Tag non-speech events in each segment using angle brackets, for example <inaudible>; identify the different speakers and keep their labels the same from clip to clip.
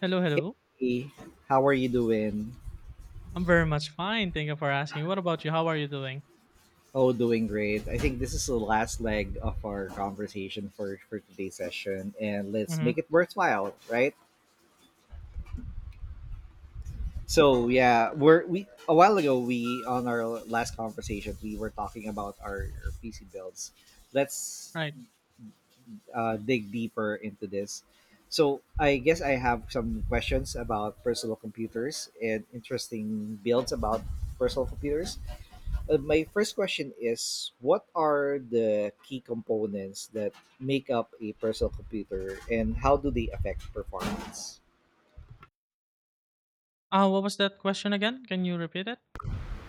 Speaker 1: Hello, hello.
Speaker 2: Hey, how are you doing?
Speaker 1: I'm very much fine. Thank you for asking. What about you? How are you doing?
Speaker 2: Oh, doing great. I think this is the last leg of our conversation for today's session, and let's make
Speaker 1: Mm-hmm.
Speaker 2: it worthwhile, right? So yeah, we're we a while ago we on our last conversation we were talking about our PC builds. Let's
Speaker 1: Right.
Speaker 2: dig deeper into this. So I guess I have some questions about personal computers and interesting builds about personal computers. My first question is, what are the key components that make up a personal computer and how do they affect performance?
Speaker 1: What was that question again? Can you repeat it?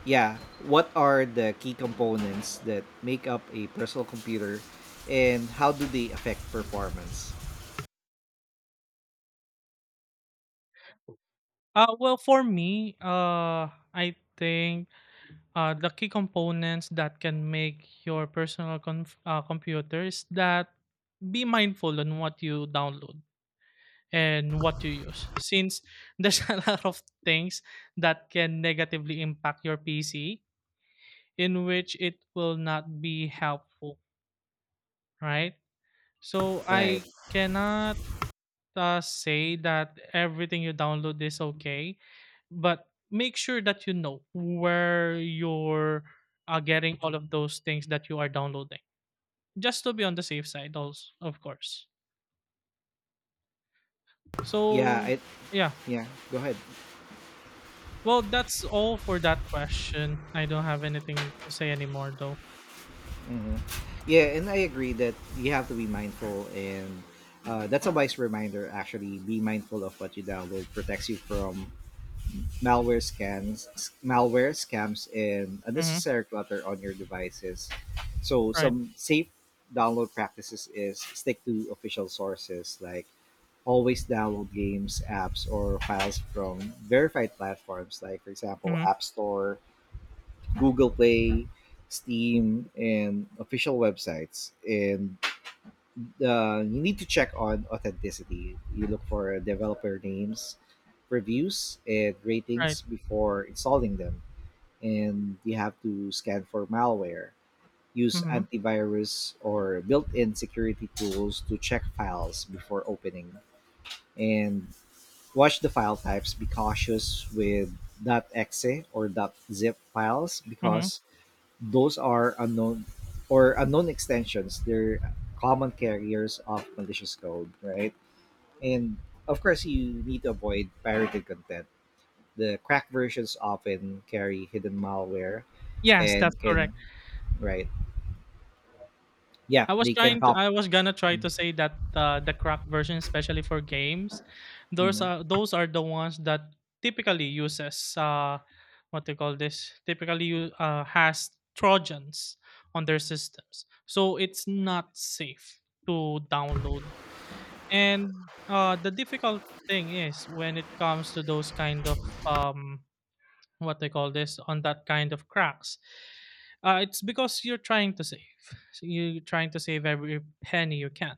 Speaker 2: Yeah, what are the key components that make up a personal computer and how do they affect performance?
Speaker 1: Well, for me, I think the key components that can make your personal computer is that be mindful on what you download and what you use. Since there's <laughs> a lot of things that can negatively impact your PC, in which it will not be helpful, right? So
Speaker 2: Right.
Speaker 1: I cannot say that everything you download is okay, but make sure that you know where you're getting all of those things that you are downloading, just to be on the safe side, also, of course.
Speaker 2: Yeah,
Speaker 1: So
Speaker 2: I
Speaker 1: yeah,
Speaker 2: yeah, Go ahead.
Speaker 1: well, that's all for that question. I don't have anything to say anymore, though.
Speaker 2: hmm Yeah, and I agree that you have to be mindful, and that's a wise reminder. Actually, be mindful of what you download. Protects you from malware scans malware scams and
Speaker 1: Mm-hmm.
Speaker 2: unnecessary clutter on your devices. So
Speaker 1: Right.
Speaker 2: some safe download practices is stick to official sources, like always download games, apps, or files from verified platforms, like for example
Speaker 1: Mm-hmm.
Speaker 2: App Store, Google Play, Steam, and official websites. And you need to check on authenticity. You look for developer names, reviews, and
Speaker 1: Right.
Speaker 2: ratings before installing them. And you have to scan for malware, use
Speaker 1: Mm-hmm.
Speaker 2: antivirus or built in security tools to check files before opening, and watch the file types. Be cautious with .exe or .zip files,
Speaker 1: Mm-hmm.
Speaker 2: because those are unknown or unknown extensions. They're common carriers of malicious code, right? And of course, you need to avoid pirated content. The cracked versions often carry hidden malware
Speaker 1: Yes,
Speaker 2: and
Speaker 1: that's
Speaker 2: can,
Speaker 1: correct.
Speaker 2: right? Yeah, they can cop.
Speaker 1: I was gonna try to say that the cracked version, especially for games, those
Speaker 2: Mhm.
Speaker 1: are those are the ones that typically uses what they call this, typically you has Trojans on their systems, so it's not safe to download. And the difficult thing is when it comes to those kind of what they call this, on that kind of cracks, it's because you're trying to save. So you're trying to save every penny you can,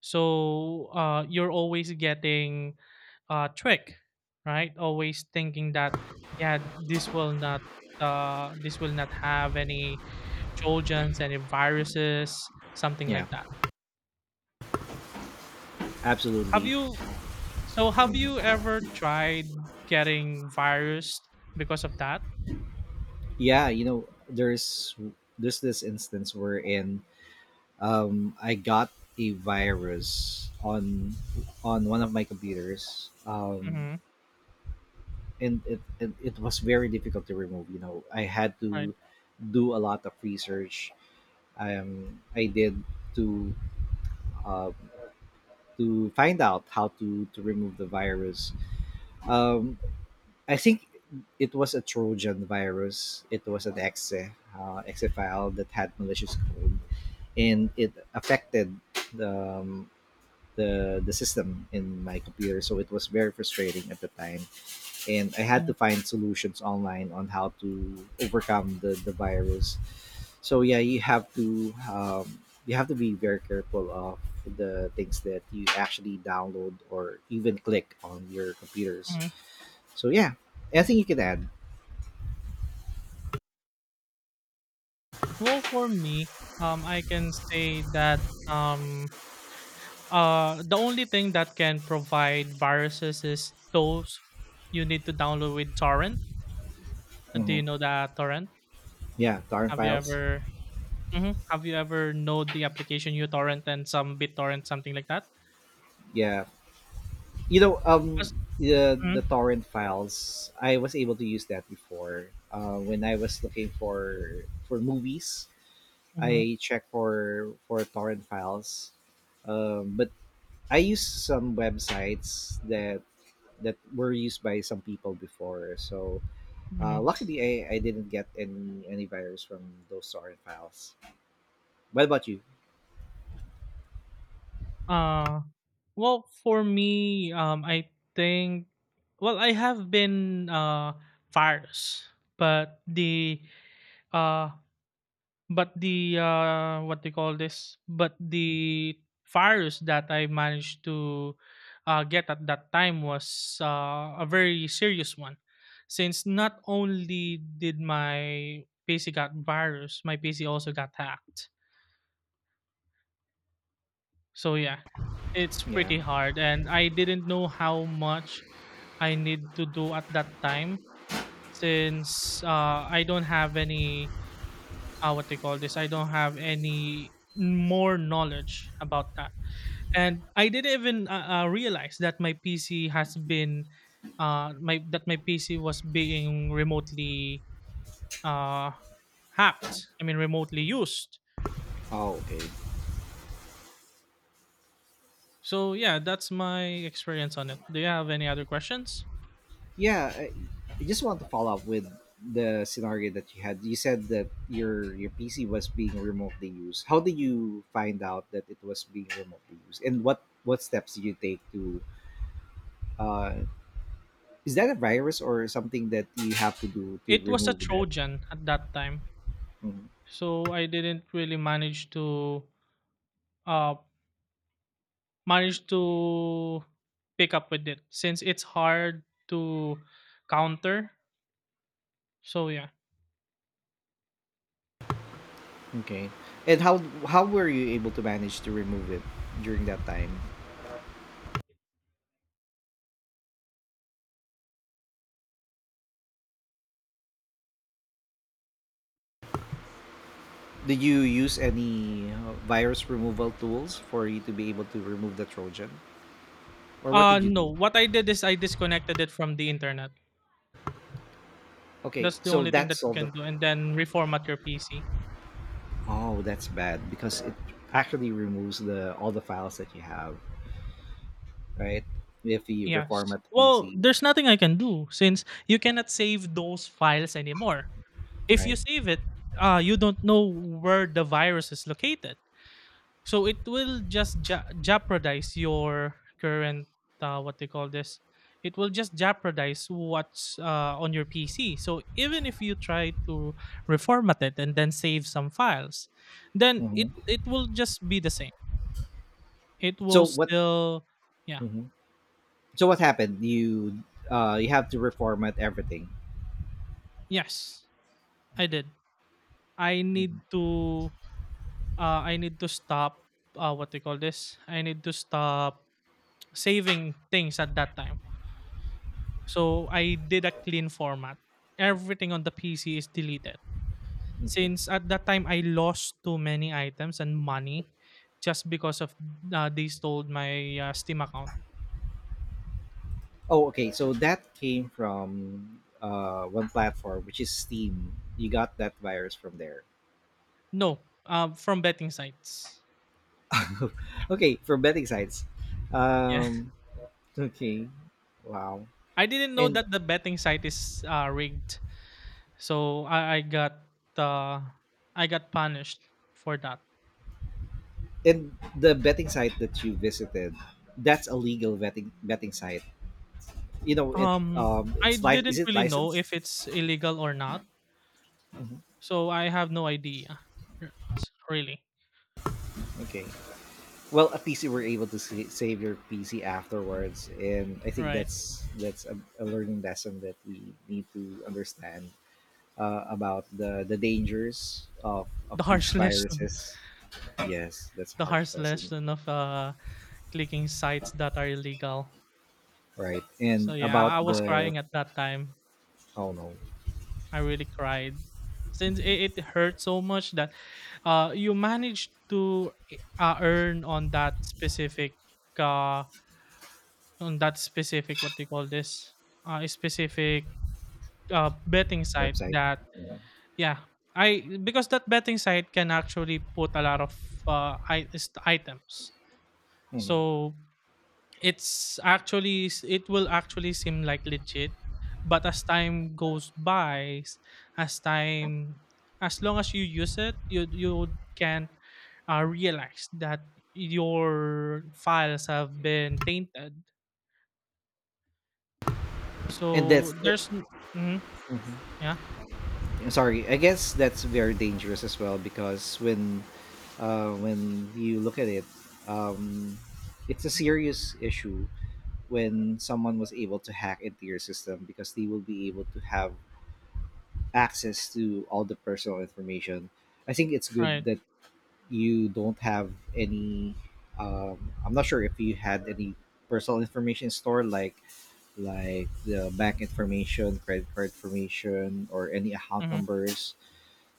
Speaker 1: so you're always getting a trick, right? Always thinking that yeah, this will not, have any trojans, any viruses, something
Speaker 2: Yeah,
Speaker 1: like that. Have
Speaker 2: absolutely.
Speaker 1: you So, have you
Speaker 2: Mhm.
Speaker 1: ever tried getting virus because of that?
Speaker 2: Yeah, you know, there's this instance wherein I got a virus on one of my computers.
Speaker 1: Mm-hmm.
Speaker 2: And it was very difficult to remove. You know, I had
Speaker 1: Right.
Speaker 2: to do a lot of research. I did to uh to find out how to remove the virus. um I think it was a Trojan virus. It was an exe file that had malicious code, and it affected the um, the system in my computer. So it was very frustrating at the time, and I had to
Speaker 1: Hmm.
Speaker 2: find solutions online on how to overcome the virus. So yeah, you have to be very careful of the things that you actually download or even click on your computers.
Speaker 1: Hmm.
Speaker 2: So yeah, anything you can add.
Speaker 1: Well, for me, I can say that um, the only thing that can provide viruses is those you need to download with torrent. Do
Speaker 2: hmm
Speaker 1: you know that torrent?
Speaker 2: Yeah, torrent
Speaker 1: Have you
Speaker 2: files.
Speaker 1: ever mhm, have you ever know the application uTorrent and some BitTorrent, something like that?
Speaker 2: Yeah, you know,
Speaker 1: 'Cause,
Speaker 2: the
Speaker 1: mhm.
Speaker 2: torrent files. I was able to use that before when I was looking for movies.
Speaker 1: Mhm.
Speaker 2: I check for torrent files. But I use some websites that were used by some people before. So
Speaker 1: Mhm.
Speaker 2: luckily, I didn't get any virus from those torrent files. What about you?
Speaker 1: Uh, well, for me, I think, well, I have been virus, but the, uh, what they call this? But the virus that I managed to get at that time was a very serious one, since not only did my PC got virus, my PC also got hacked. So yeah, it's
Speaker 2: Yeah.
Speaker 1: pretty hard, and I didn't know how much I need to do at that time, since I don't have any, what they call this. I don't have any more knowledge about that, and I didn't even realize that my PC has been my that my PC was being remotely uh, hacked. I mean, remotely used.
Speaker 2: Oh, okay.
Speaker 1: So yeah, that's my experience on it. Do you have any other questions?
Speaker 2: Yeah. I just want to follow up with the scenario that you had. You said that your PC was being remotely used. How did you find out that it was being remotely used, and what steps did you take to uh, is that a virus or something that you have to do to
Speaker 1: It was a
Speaker 2: remove that?
Speaker 1: Trojan at that time,
Speaker 2: Mhm.
Speaker 1: so I didn't really manage to uh manage to pick up with it since it's hard to counter. So yeah.
Speaker 2: Okay. And how were you able to manage to remove it during that time? Did you use any virus removal tools for you to be able to remove the Trojan, or what
Speaker 1: Uh
Speaker 2: did you
Speaker 1: no,
Speaker 2: do?
Speaker 1: what I did is I disconnected it from the internet.
Speaker 2: Okay,
Speaker 1: That's the
Speaker 2: so
Speaker 1: only thing that
Speaker 2: that's
Speaker 1: you
Speaker 2: all the.
Speaker 1: can do, and then reformat your PC.
Speaker 2: Oh, that's bad because it actually removes the all the files that you have, right? If you
Speaker 1: Yes.
Speaker 2: reformat the
Speaker 1: Well,
Speaker 2: PC,
Speaker 1: there's nothing I can do since you cannot save those files anymore. If you
Speaker 2: right?
Speaker 1: save it, you don't know where the virus is located. So it will just jeopardize your current, what they call this. It will just jeopardize what's, on your PC. So even if you try to reformat it and then save some files, then it
Speaker 2: hmm
Speaker 1: it will just be the same. It
Speaker 2: So
Speaker 1: will
Speaker 2: what?
Speaker 1: still, yeah.
Speaker 2: Mm-hmm. So what happened? You you have to reformat everything.
Speaker 1: Yes, I
Speaker 2: Okay.
Speaker 1: did. I
Speaker 2: Mhm.
Speaker 1: need to I need to stop, what they call this. I need to stop saving things at that time. So I did a clean format. Everything on the PC is deleted.
Speaker 2: Okay.
Speaker 1: Since at that time I lost too many items and money, just because of, they stole my Steam account.
Speaker 2: Oh, okay. So that came from one platform, which is Steam. You got that virus from there.
Speaker 1: No, from betting sites.
Speaker 2: <laughs> Okay, from betting sites.
Speaker 1: Yeah,
Speaker 2: Um. Okay. Wow.
Speaker 1: <laughs> I didn't know
Speaker 2: And
Speaker 1: that the betting site is, rigged, so uh, I got punished for that.
Speaker 2: and the betting site that you visited, that's a legal betting site. You know it.
Speaker 1: Um, I
Speaker 2: Is
Speaker 1: didn't
Speaker 2: it
Speaker 1: really know
Speaker 2: licensed?
Speaker 1: if it's illegal or not,
Speaker 2: Hmm.
Speaker 1: so I have no idea, r- really.
Speaker 2: Okay. Well, at least you were able to save your PC afterwards, and I think
Speaker 1: Right.
Speaker 2: that's a learning lesson that we need to understand about the dangers of
Speaker 1: The
Speaker 2: these
Speaker 1: harsh <laughs> lesson,
Speaker 2: viruses. Yes, that's a
Speaker 1: the
Speaker 2: harsh
Speaker 1: harsh
Speaker 2: lesson.
Speaker 1: lesson of clicking sites that are illegal.
Speaker 2: Right.
Speaker 1: So
Speaker 2: And
Speaker 1: yeah, I
Speaker 2: about
Speaker 1: I was
Speaker 2: the
Speaker 1: crying at that time.
Speaker 2: oh no
Speaker 1: I really cried since it hurt so much that you managed to earn on uh, that specific what do call this, specific betting site
Speaker 2: website.
Speaker 1: that,
Speaker 2: Yeah.
Speaker 1: yeah, I, because that betting site can actually put a lot of, items,
Speaker 2: Mhm.
Speaker 1: so— It's actually, it will actually seem like legit, but as time goes by, as time as long as you use it, you can realize that your files have been tainted.
Speaker 2: And that's
Speaker 1: So
Speaker 2: it.
Speaker 1: there's— mm-hmm,
Speaker 2: Mhm.
Speaker 1: yeah,
Speaker 2: I'm sorry. I guess that's very dangerous as well, because when you look at it, um, it's a serious issue when someone was able to hack into your system, because they will be able to have access to all the personal information. I think it's good
Speaker 1: right.
Speaker 2: that you don't have any. I'm not sure if you had any personal information stored, like the bank information, credit card information, or any account
Speaker 1: Mm-hmm,
Speaker 2: numbers.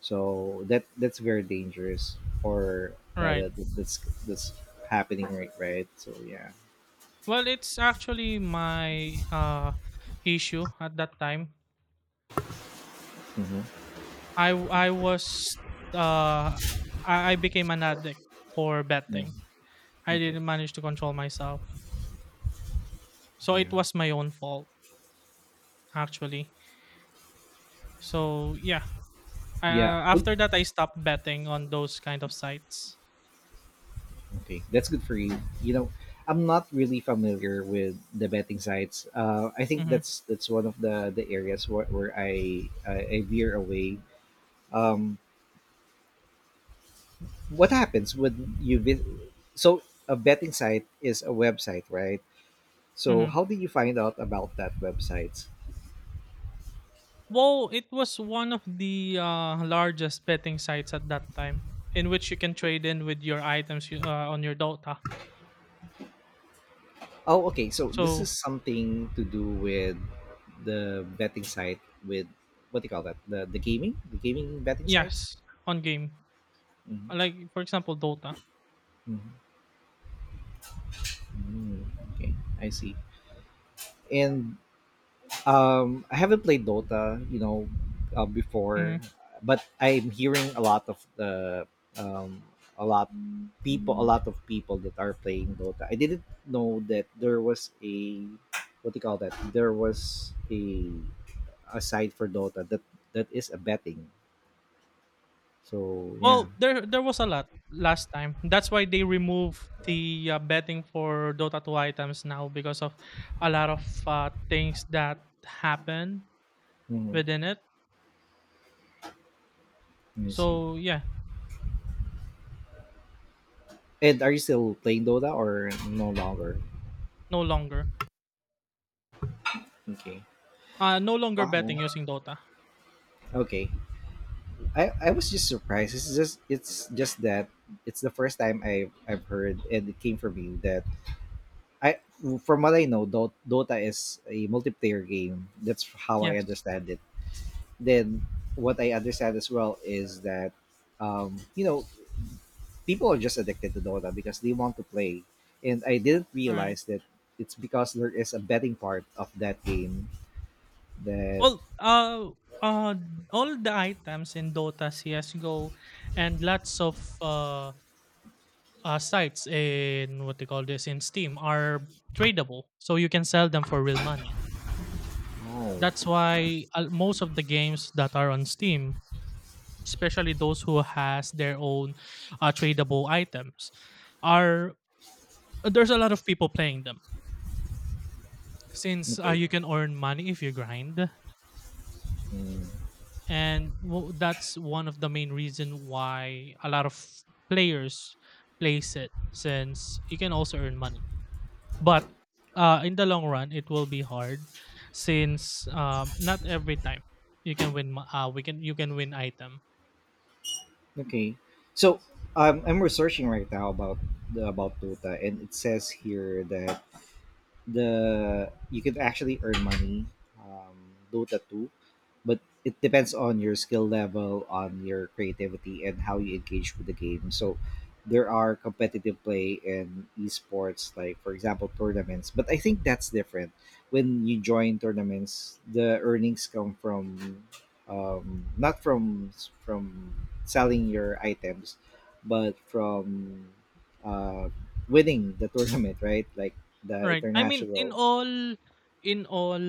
Speaker 2: So that that's very dangerous for
Speaker 1: right.
Speaker 2: that that's that's happening right. So yeah.
Speaker 1: Well, it's actually my issue at that time.
Speaker 2: Mm-hmm.
Speaker 1: I w- I was uh I became an addict for
Speaker 2: Yeah.
Speaker 1: betting. I
Speaker 2: Okay.
Speaker 1: didn't manage to control myself. So
Speaker 2: Yeah.
Speaker 1: it was my own fault actually. So yeah,
Speaker 2: Yeah. Well,
Speaker 1: after that I stopped betting on those kind of sites.
Speaker 2: okay, that's good for you. You know, I'm not really familiar with the betting sites. I think
Speaker 1: Mhm.
Speaker 2: that's one of the areas where, I veer away. Um, what happens when you visit? So a betting site is a website, right? So
Speaker 1: Mhm.
Speaker 2: how did you find out about that website?
Speaker 1: Well, it was one of the largest betting sites at that time, in which you can trade in with your items, on your Dota.
Speaker 2: Oh, okay. So this
Speaker 1: So,
Speaker 2: is something to do with the betting site with what do you call that? The gaming, the gaming betting sites.
Speaker 1: yes, on game.
Speaker 2: Mm-hmm.
Speaker 1: Like for example Dota.
Speaker 2: Mm-hmm. Mm-hmm. Okay, I see. And I haven't played Dota, you know,
Speaker 1: Mm-hmm.
Speaker 2: before, but I'm hearing a lot of the um a lot people, a lot of people, that are playing Dota. I didn't know that there was a what do you call that, there was a site for Dota that is a betting. So yeah.
Speaker 1: Well, there was a lot last time. That's why they removed the betting for Dota 2 items now, because of a lot of things that happen
Speaker 2: Hmm.
Speaker 1: within it.
Speaker 2: Let me see.
Speaker 1: So yeah,
Speaker 2: And are you still playing Dota or no longer?
Speaker 1: no longer.
Speaker 2: Okay.
Speaker 1: No longer
Speaker 2: Wow.
Speaker 1: betting using Dota.
Speaker 2: Okay. I was just surprised. It's just that it's the first time I've heard, and it came from you, that I from what I know, Dota is a multiplayer game. That's how I
Speaker 1: Yes.
Speaker 2: understand it. Then what I understand as well is that you know, people are just addicted to Dota because they want to play. And I didn't
Speaker 1: All right.
Speaker 2: realize that it's because there is a betting part of that game that
Speaker 1: All uh, uh, all the items in Dota, CS:GO, and lots of, sites in what they call this in Steam are tradable, so you can sell them for real money.
Speaker 2: oh
Speaker 1: That's why, most of the games that are on Steam, especially those who has their own, tradable items, are— there's a lot of people playing them since
Speaker 2: okay.
Speaker 1: you can earn money if you grind,
Speaker 2: Mm.
Speaker 1: and that's one of the main reason why a lot of players plays it, since you can also earn money, but in the long run it will be hard, since not every time you can win item.
Speaker 2: Okay. So I'm researching right now about about Dota, and it says here that the you could actually earn money Dota 2, but it depends on your skill level, on your creativity, and how you engage with the game. So there are competitive play in esports, like for example tournaments. But I think that's different. When you join tournaments, the earnings come from not from from selling your items but from uh, winning the <laughs> tournament, right? Like the
Speaker 1: Right. I mean,
Speaker 2: International.
Speaker 1: in all,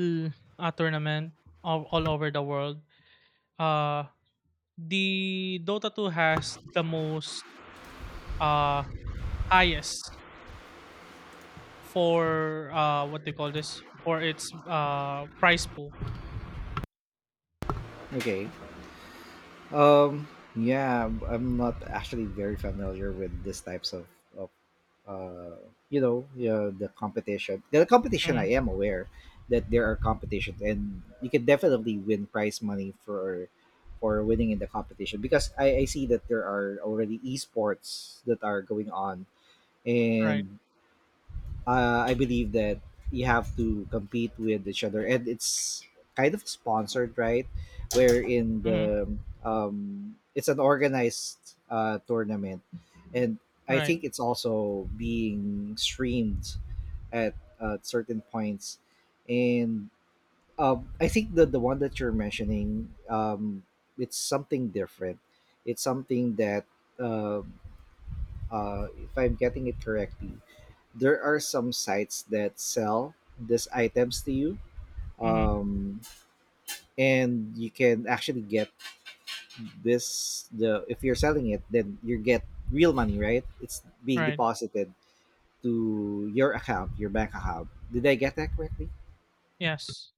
Speaker 1: tournament, all over the world, uh, the Dota 2 has the most, uh, highest, for, what they call this, for its prize pool.
Speaker 2: Okay. Um. Yeah, I'm not actually very familiar with these types of uh, you know. Yeah, the competition. The competition, I
Speaker 1: Hmm.
Speaker 2: am aware that there are competitions, and you can definitely win prize money for winning in the competition, because I see that there are already esports that are going on,
Speaker 1: Right.
Speaker 2: and I believe that you have to compete with each other, and it's kind of sponsored, right? Where in
Speaker 1: Hmm.
Speaker 2: the it's an organized tournament, and I
Speaker 1: Right.
Speaker 2: think it's also being streamed at certain points, and I think that the one that you're mentioning, it's something different. It's something that uh, if I'm getting it correctly, there are some sites that sell these items to you.
Speaker 1: Hmm.
Speaker 2: Um, and you can actually get this the if you're selling it, then you get real money, right? It's being
Speaker 1: Right.
Speaker 2: deposited to your account, your bank account. Did I get that correctly?
Speaker 1: Yes.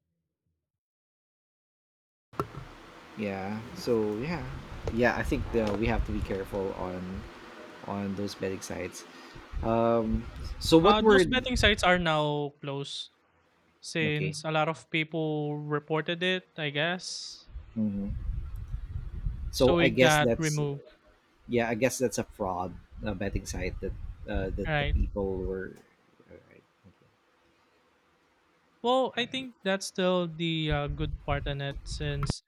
Speaker 2: Yeah. So yeah, yeah. I think we have to be careful on those betting sites. Um, so what
Speaker 1: Those
Speaker 2: were
Speaker 1: betting sites are now closed
Speaker 2: okay?
Speaker 1: since a lot of people reported it. I guess
Speaker 2: Hmm. So
Speaker 1: so.
Speaker 2: I
Speaker 1: It
Speaker 2: guess
Speaker 1: got
Speaker 2: that's
Speaker 1: removed.
Speaker 2: yeah, I guess that's a fraud, a betting site that that the
Speaker 1: Right.
Speaker 2: people were. All right.
Speaker 1: Well, I
Speaker 2: Okay, right.
Speaker 1: think that's still the good part in it, since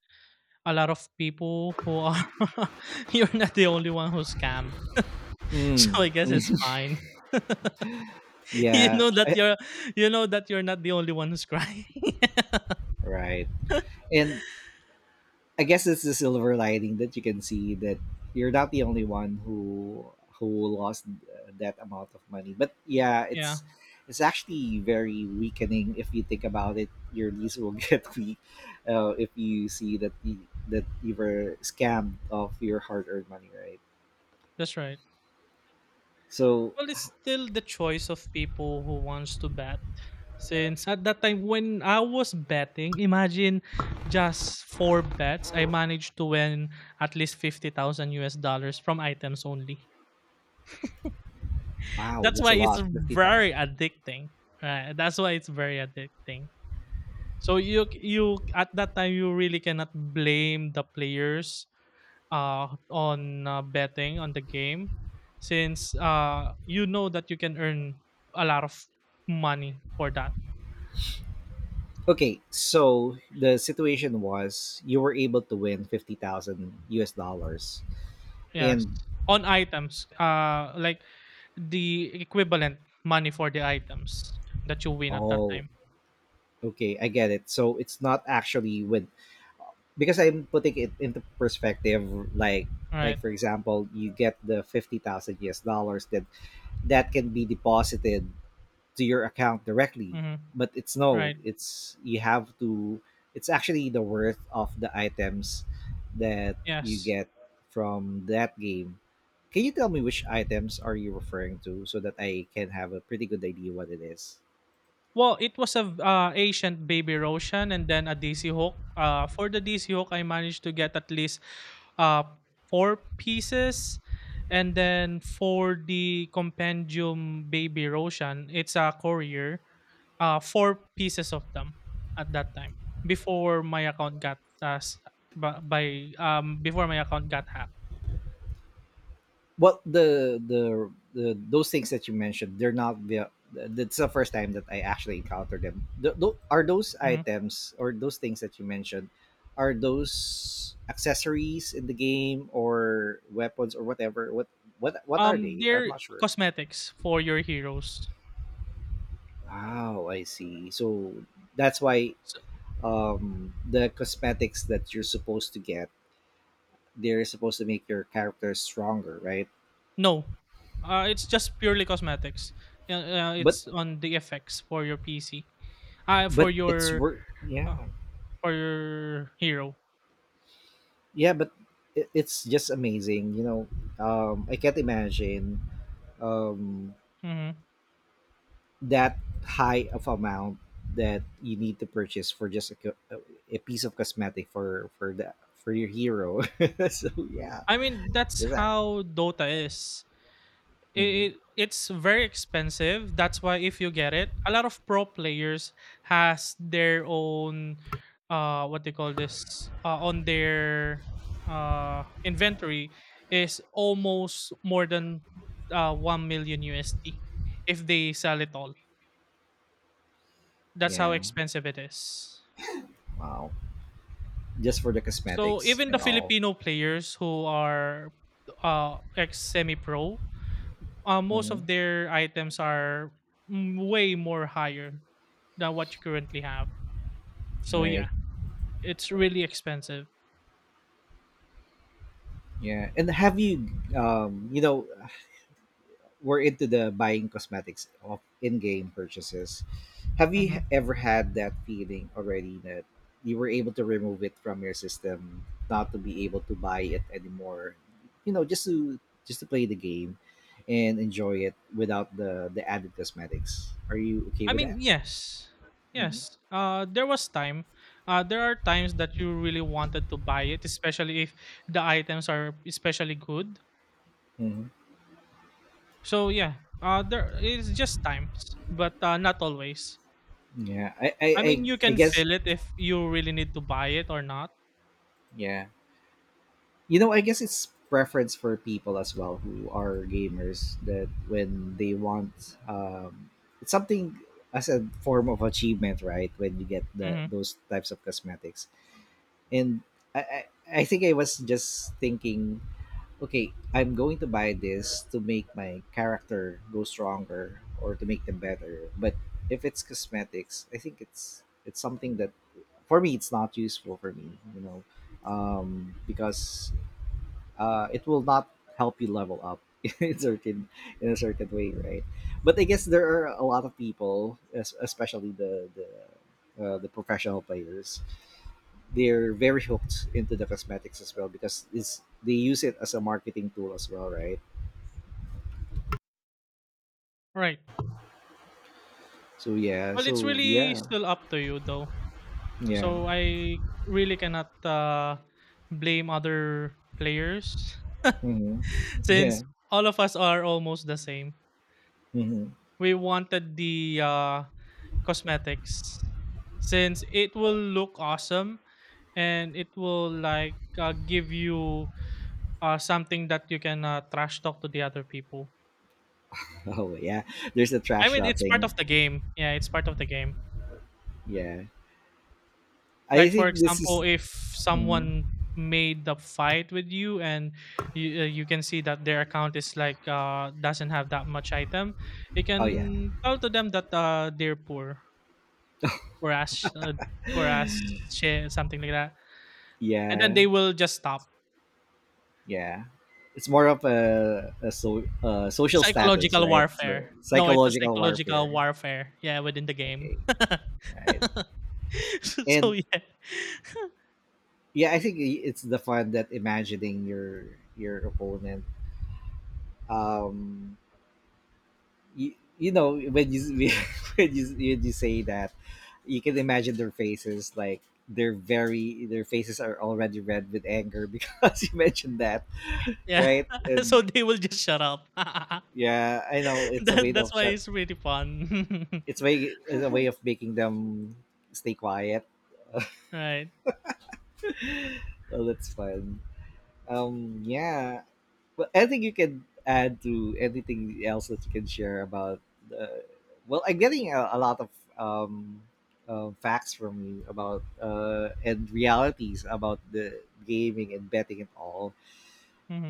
Speaker 1: a lot of people who are, <laughs> you're not the only one who's scammed. <laughs>
Speaker 2: Mm.
Speaker 1: So I guess it's
Speaker 2: <laughs>
Speaker 1: fine. <laughs> you
Speaker 2: Yeah.
Speaker 1: know that
Speaker 2: Eh,
Speaker 1: you're you know that you're not the only one who's crying.
Speaker 2: right. And I guess it's the silver lining that you can see that you're not the only one who lost that amount of money. But yeah,
Speaker 1: <laughs> Yeah,
Speaker 2: it's actually very weakening if you think about it. Your lease will <laughs> get weak if you see that that you were scammed of your hard-earned money, right?
Speaker 1: that's right.
Speaker 2: So
Speaker 1: Well, it's still the choice of people who wants to bet. Since at that time when I was betting, imagine, just four bets, I managed to win at least 50,000 US dollars from items only.
Speaker 2: wow,
Speaker 1: That's
Speaker 2: that's a
Speaker 1: why it's
Speaker 2: lot, 50,000.
Speaker 1: very addicting, right? That's why it's very addicting. So you at that time, you really cannot blame the players, on, betting on the game, since you know that you can earn a lot of money for that.
Speaker 2: Okay, so the situation was you were able to win 50,000 US dollars
Speaker 1: Yes,
Speaker 2: and
Speaker 1: on items, like the equivalent money for the items that you win at that
Speaker 2: oh,
Speaker 1: time.
Speaker 2: okay, I get it. So it's not actually win because I'm putting it into perspective like
Speaker 1: Right.
Speaker 2: like for example, you get the 50,000 US dollars that can be deposited to your account directly.
Speaker 1: Mm-hmm.
Speaker 2: But it's no
Speaker 1: Right.
Speaker 2: it's you have to, it's actually the worth of the items that you
Speaker 1: Yes.
Speaker 2: get from that game. Can you tell me which items are you referring to so that I can have a pretty good idea what it is?
Speaker 1: Well, it was a ancient baby Roshan and then a DC hook. For the DC hook, I managed to get at least, uh, four pieces. And then for the compendium baby Roshan, it's a courier, four pieces of them, at that time before my account got s- b- by before my account got hacked.
Speaker 2: Well, the those things that you mentioned, they're not the. That's the first time that I actually encountered them. Are those
Speaker 1: Mhm.
Speaker 2: items or those things that you mentioned? Are those accessories in the game or weapons or whatever? What are they? I'm
Speaker 1: They're
Speaker 2: not sure.
Speaker 1: cosmetics for your heroes.
Speaker 2: Wow, I see. So that's why
Speaker 1: So,
Speaker 2: the cosmetics that you're supposed to get, they're supposed to make your character stronger, right?
Speaker 1: no, it's just purely cosmetics.
Speaker 2: But
Speaker 1: It's on the effects for your PC, uh,
Speaker 2: but
Speaker 1: for
Speaker 2: it's
Speaker 1: your
Speaker 2: worth.
Speaker 1: uh,
Speaker 2: Yeah.
Speaker 1: for your hero.
Speaker 2: Yeah, but it's just amazing. You know, I can't imagine, um,
Speaker 1: Mhm.
Speaker 2: that high of amount that you need to purchase for just a, a piece of cosmetic for the for your hero. <laughs> So yeah,
Speaker 1: I mean, that's
Speaker 2: that's that.
Speaker 1: how Dota is.
Speaker 2: Hmm
Speaker 1: It's very expensive. That's why if you get it, a lot of pro players has their own, what they call this, on their inventory, is almost more than 1 million USD if they sell it all. That's how
Speaker 2: Yeah,
Speaker 1: expensive it is.
Speaker 2: wow. Just for the
Speaker 1: So
Speaker 2: cosmetics
Speaker 1: even the
Speaker 2: and all.
Speaker 1: Filipino players who are, ex semi pro, most
Speaker 2: Hmm
Speaker 1: of their items are, way more higher than what you currently have. So
Speaker 2: Right.
Speaker 1: yeah, it's really expensive.
Speaker 2: Yeah, and have you, you know, we're into the buying cosmetics of in-game purchases. Have you
Speaker 1: Mhm.
Speaker 2: ever had that feeling already that you were able to remove it from your system, not to be able to buy it anymore? You know, just to play the game and enjoy it without the added cosmetics. Are you okay
Speaker 1: I
Speaker 2: with
Speaker 1: mean,
Speaker 2: that?
Speaker 1: yes,
Speaker 2: Mm-hmm.
Speaker 1: yes. There was time. There are times that you really wanted to buy it, especially if the items are especially good.
Speaker 2: hmm
Speaker 1: So yeah, there is just times, but not always.
Speaker 2: Yeah, I, I,
Speaker 1: I
Speaker 2: I,
Speaker 1: mean, you
Speaker 2: I
Speaker 1: can
Speaker 2: guess.
Speaker 1: feel it if you really need to buy it or not.
Speaker 2: Yeah, you know, I guess it's preference for people as well who are gamers that when they want, it's something as a form of achievement, right? When you get the
Speaker 1: Hmm.
Speaker 2: those types of cosmetics, and I, I, I think I was just thinking, okay, I'm going to buy this to make my character go stronger or to make them better. But if it's cosmetics, I think it's something that for me it's not useful for me, you know, because it will not help you level up <laughs> in certain, in a certain way, right? But I guess there are a lot of people, especially the professional players, they're very hooked into the cosmetics as well because it's they use it as a marketing tool as well, right?
Speaker 1: Right.
Speaker 2: So yeah,
Speaker 1: Well, it's
Speaker 2: so
Speaker 1: really
Speaker 2: yeah,
Speaker 1: still up to you though.
Speaker 2: yeah.
Speaker 1: So I really cannot blame other players,
Speaker 2: hmm
Speaker 1: <laughs> since
Speaker 2: yeah.
Speaker 1: all of us are almost the same.
Speaker 2: hmm
Speaker 1: We wanted the cosmetics, since it will look awesome, and it will, like, give you, something that you can, trash talk to the other people.
Speaker 2: <laughs> Oh yeah, there's a
Speaker 1: I
Speaker 2: trash
Speaker 1: mean, it's part
Speaker 2: thing.
Speaker 1: of the game. Yeah, it's part of the game.
Speaker 2: Yeah, I
Speaker 1: Like, for
Speaker 2: think this is.
Speaker 1: example, if
Speaker 2: Mhm.
Speaker 1: someone made the fight with you and you can see that their account is like, doesn't have that much item, you
Speaker 2: Oh yeah,
Speaker 1: can tell to them that, they're poor, whereas, uh, whereas
Speaker 2: <laughs>
Speaker 1: shit, something like that, and then
Speaker 2: yeah.
Speaker 1: they will just stop.
Speaker 2: Yeah, it's more of a, a social status,
Speaker 1: Psychological
Speaker 2: right? So
Speaker 1: warfare. No, it's a
Speaker 2: psychological
Speaker 1: psychological
Speaker 2: warfare.
Speaker 1: warfare, yeah, within the
Speaker 2: Okay,
Speaker 1: game.
Speaker 2: right.
Speaker 1: <laughs> So,
Speaker 2: And
Speaker 1: yeah. <laughs>
Speaker 2: yeah, I think it's the fun that imagining your opponent. Um, you, you know when you <laughs> when you say that, you can imagine their faces like they're very their faces are already red with anger because <laughs> you mentioned that.
Speaker 1: Yeah,
Speaker 2: Right,
Speaker 1: <laughs> so
Speaker 2: and
Speaker 1: they will just shut up. <laughs>
Speaker 2: yeah, I know it's a way
Speaker 1: That
Speaker 2: of
Speaker 1: that's why it's really fun.
Speaker 2: it's
Speaker 1: <laughs>
Speaker 2: way it's a way of making them stay quiet. <laughs>
Speaker 1: Right,
Speaker 2: Well, that's fun. Yeah. Well, anything you can add to anything else that you can share about the. Well, I'm getting a lot of, facts from you about, and realities about the gaming and betting and all,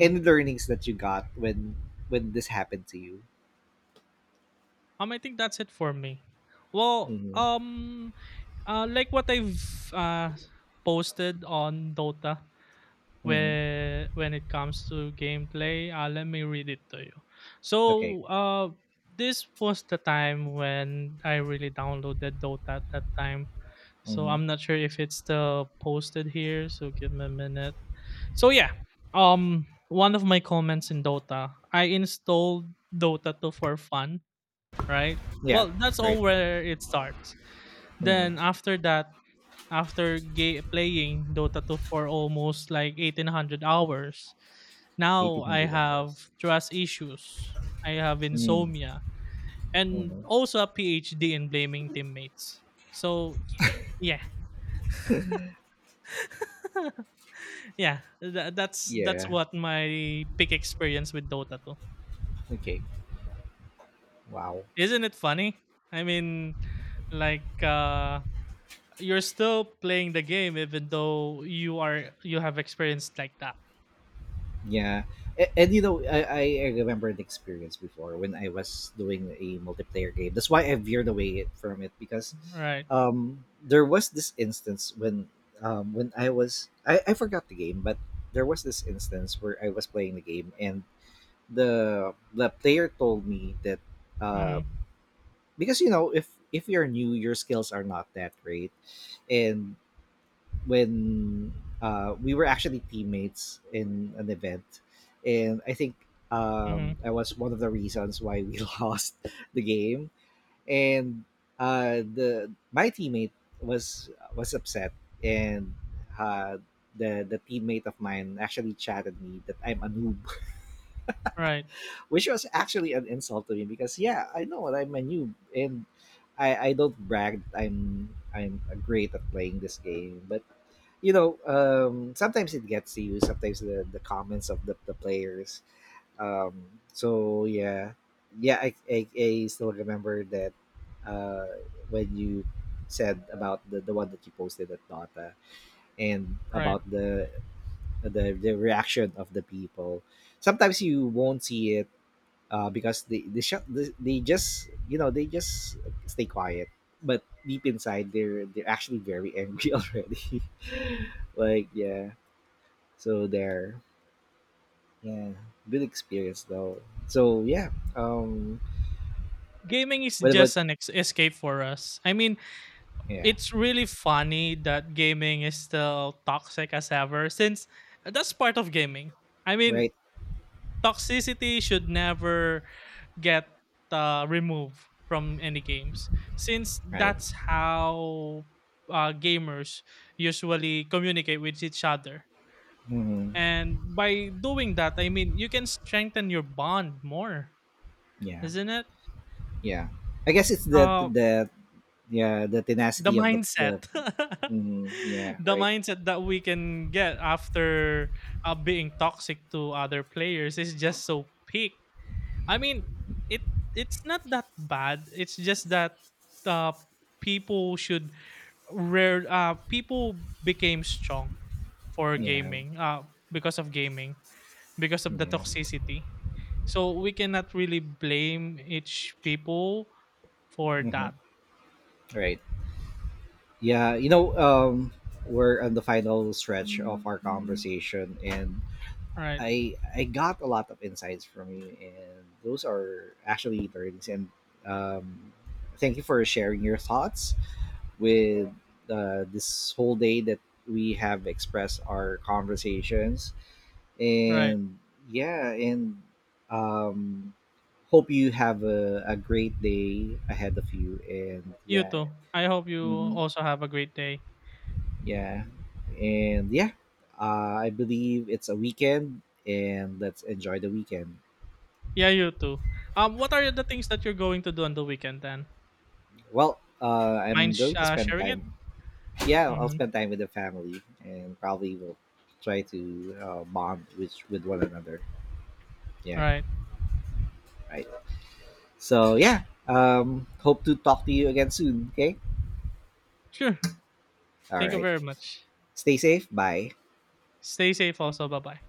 Speaker 2: and learnings that you got when this happened to you.
Speaker 1: I think that's it for me. Well,
Speaker 2: Mm-hmm.
Speaker 1: like what I've posted on Dota,
Speaker 2: Mm-hmm.
Speaker 1: where when it comes to gameplay, let me read it to you. So,
Speaker 2: Okay.
Speaker 1: this was the time when I really downloaded Dota at that time. So
Speaker 2: Mm-hmm.
Speaker 1: I'm not sure if it's still posted here. So give me a minute. So yeah, one of my comments in Dota: I installed Dota 2 for fun, right?
Speaker 2: Yeah.
Speaker 1: Well, that's
Speaker 2: Great.
Speaker 1: all where it starts. Then
Speaker 2: Mm-hmm.
Speaker 1: after that, after ga playing Dota 2 for almost like 1,800 hours,
Speaker 2: Eighteen
Speaker 1: now I
Speaker 2: hundred
Speaker 1: have
Speaker 2: hours.
Speaker 1: trust issues, I have insomnia, and
Speaker 2: Mhm.
Speaker 1: also a PhD in blaming teammates. So yeah, <laughs> yeah, that's
Speaker 2: Yeah.
Speaker 1: what my peak experience with Dota 2.
Speaker 2: Okay. Wow.
Speaker 1: Isn't it funny? I mean, like, you're still playing the game even though you have experienced like that.
Speaker 2: Yeah. And you know, I remember an experience before when I was doing a multiplayer game. That's why I veered away from it because,
Speaker 1: Right.
Speaker 2: there was this instance when, when I was I forgot the game, but there was this instance where I was playing the game and the player told me that, uh,
Speaker 1: Mm-hmm.
Speaker 2: because you know if you're new, your skills are not that great, and when, we were actually teammates in an event, and I think,
Speaker 1: Mm-hmm.
Speaker 2: that was one of the reasons why we <laughs> lost the game. And the my teammate was was upset, and, uh, the teammate of mine actually chatted me that I'm a noob,
Speaker 1: Right.
Speaker 2: <laughs> which was actually an insult to me because yeah, I know that I'm a noob, and I don't brag that I'm great at playing this game, but you know, sometimes it gets to you. Sometimes the comments of the players. So yeah, yeah, I still remember that, uh, when you said about the one that you posted at Dota and
Speaker 1: Right.
Speaker 2: about the reaction of the people. Sometimes you won't see it, because they just you know they just stay quiet. But deep inside, they're actually very angry <laughs> already. Like yeah, so there, yeah, good experience though. So yeah,
Speaker 1: Gaming is
Speaker 2: what about,
Speaker 1: just an escape for us. I mean,
Speaker 2: yeah,
Speaker 1: it's really funny that gaming is still toxic as ever, since that's part of gaming. I mean,
Speaker 2: right,
Speaker 1: toxicity should never get, removed from any games, since
Speaker 2: right,
Speaker 1: that's how, gamers usually communicate with each other,
Speaker 2: hmm
Speaker 1: and by doing that, I mean, you can strengthen your bond more,
Speaker 2: yeah,
Speaker 1: isn't it?
Speaker 2: yeah. I guess it's the
Speaker 1: uh,
Speaker 2: the yeah the
Speaker 1: the
Speaker 2: tenacity of the
Speaker 1: mindset, <laughs>
Speaker 2: mhm, yeah
Speaker 1: the
Speaker 2: right,
Speaker 1: mindset that we can get after being toxic to other players is just so peak. I mean, it it's not that bad. It's just that, uh, people should— rare people became strong for
Speaker 2: yeah,
Speaker 1: gaming, because of gaming, because of the
Speaker 2: yeah,
Speaker 1: toxicity. So we cannot really blame each people for
Speaker 2: hmm
Speaker 1: that.
Speaker 2: right, yeah, you know, um, we're on the final stretch of our conversation, and
Speaker 1: Right.
Speaker 2: I got a lot of insights from you, and those are actually learnings. And, um, thank you for sharing your thoughts with, this whole day that we have expressed our conversations.
Speaker 1: Right.
Speaker 2: And yeah, and, um, hope you have a great day ahead of you. And
Speaker 1: You
Speaker 2: yeah,
Speaker 1: too. I hope you
Speaker 2: mhm,
Speaker 1: also have a great day.
Speaker 2: yeah, and yeah. I believe it's a weekend, and let's enjoy the weekend.
Speaker 1: Yeah, you too. What are the things that you're going to do on the weekend then?
Speaker 2: Well, I'm
Speaker 1: Mind
Speaker 2: going to spend
Speaker 1: sharing it?
Speaker 2: time. Yeah, I'll
Speaker 1: Mm-hmm.
Speaker 2: spend time with the family and probably will try to, bond with one another. Yeah,
Speaker 1: Right.
Speaker 2: right. So yeah, hope to talk to you again soon. Okay.
Speaker 1: Sure.
Speaker 2: All
Speaker 1: Thank you
Speaker 2: right.
Speaker 1: very much.
Speaker 2: Stay safe. Bye.
Speaker 1: Stay safe also. Bye bye.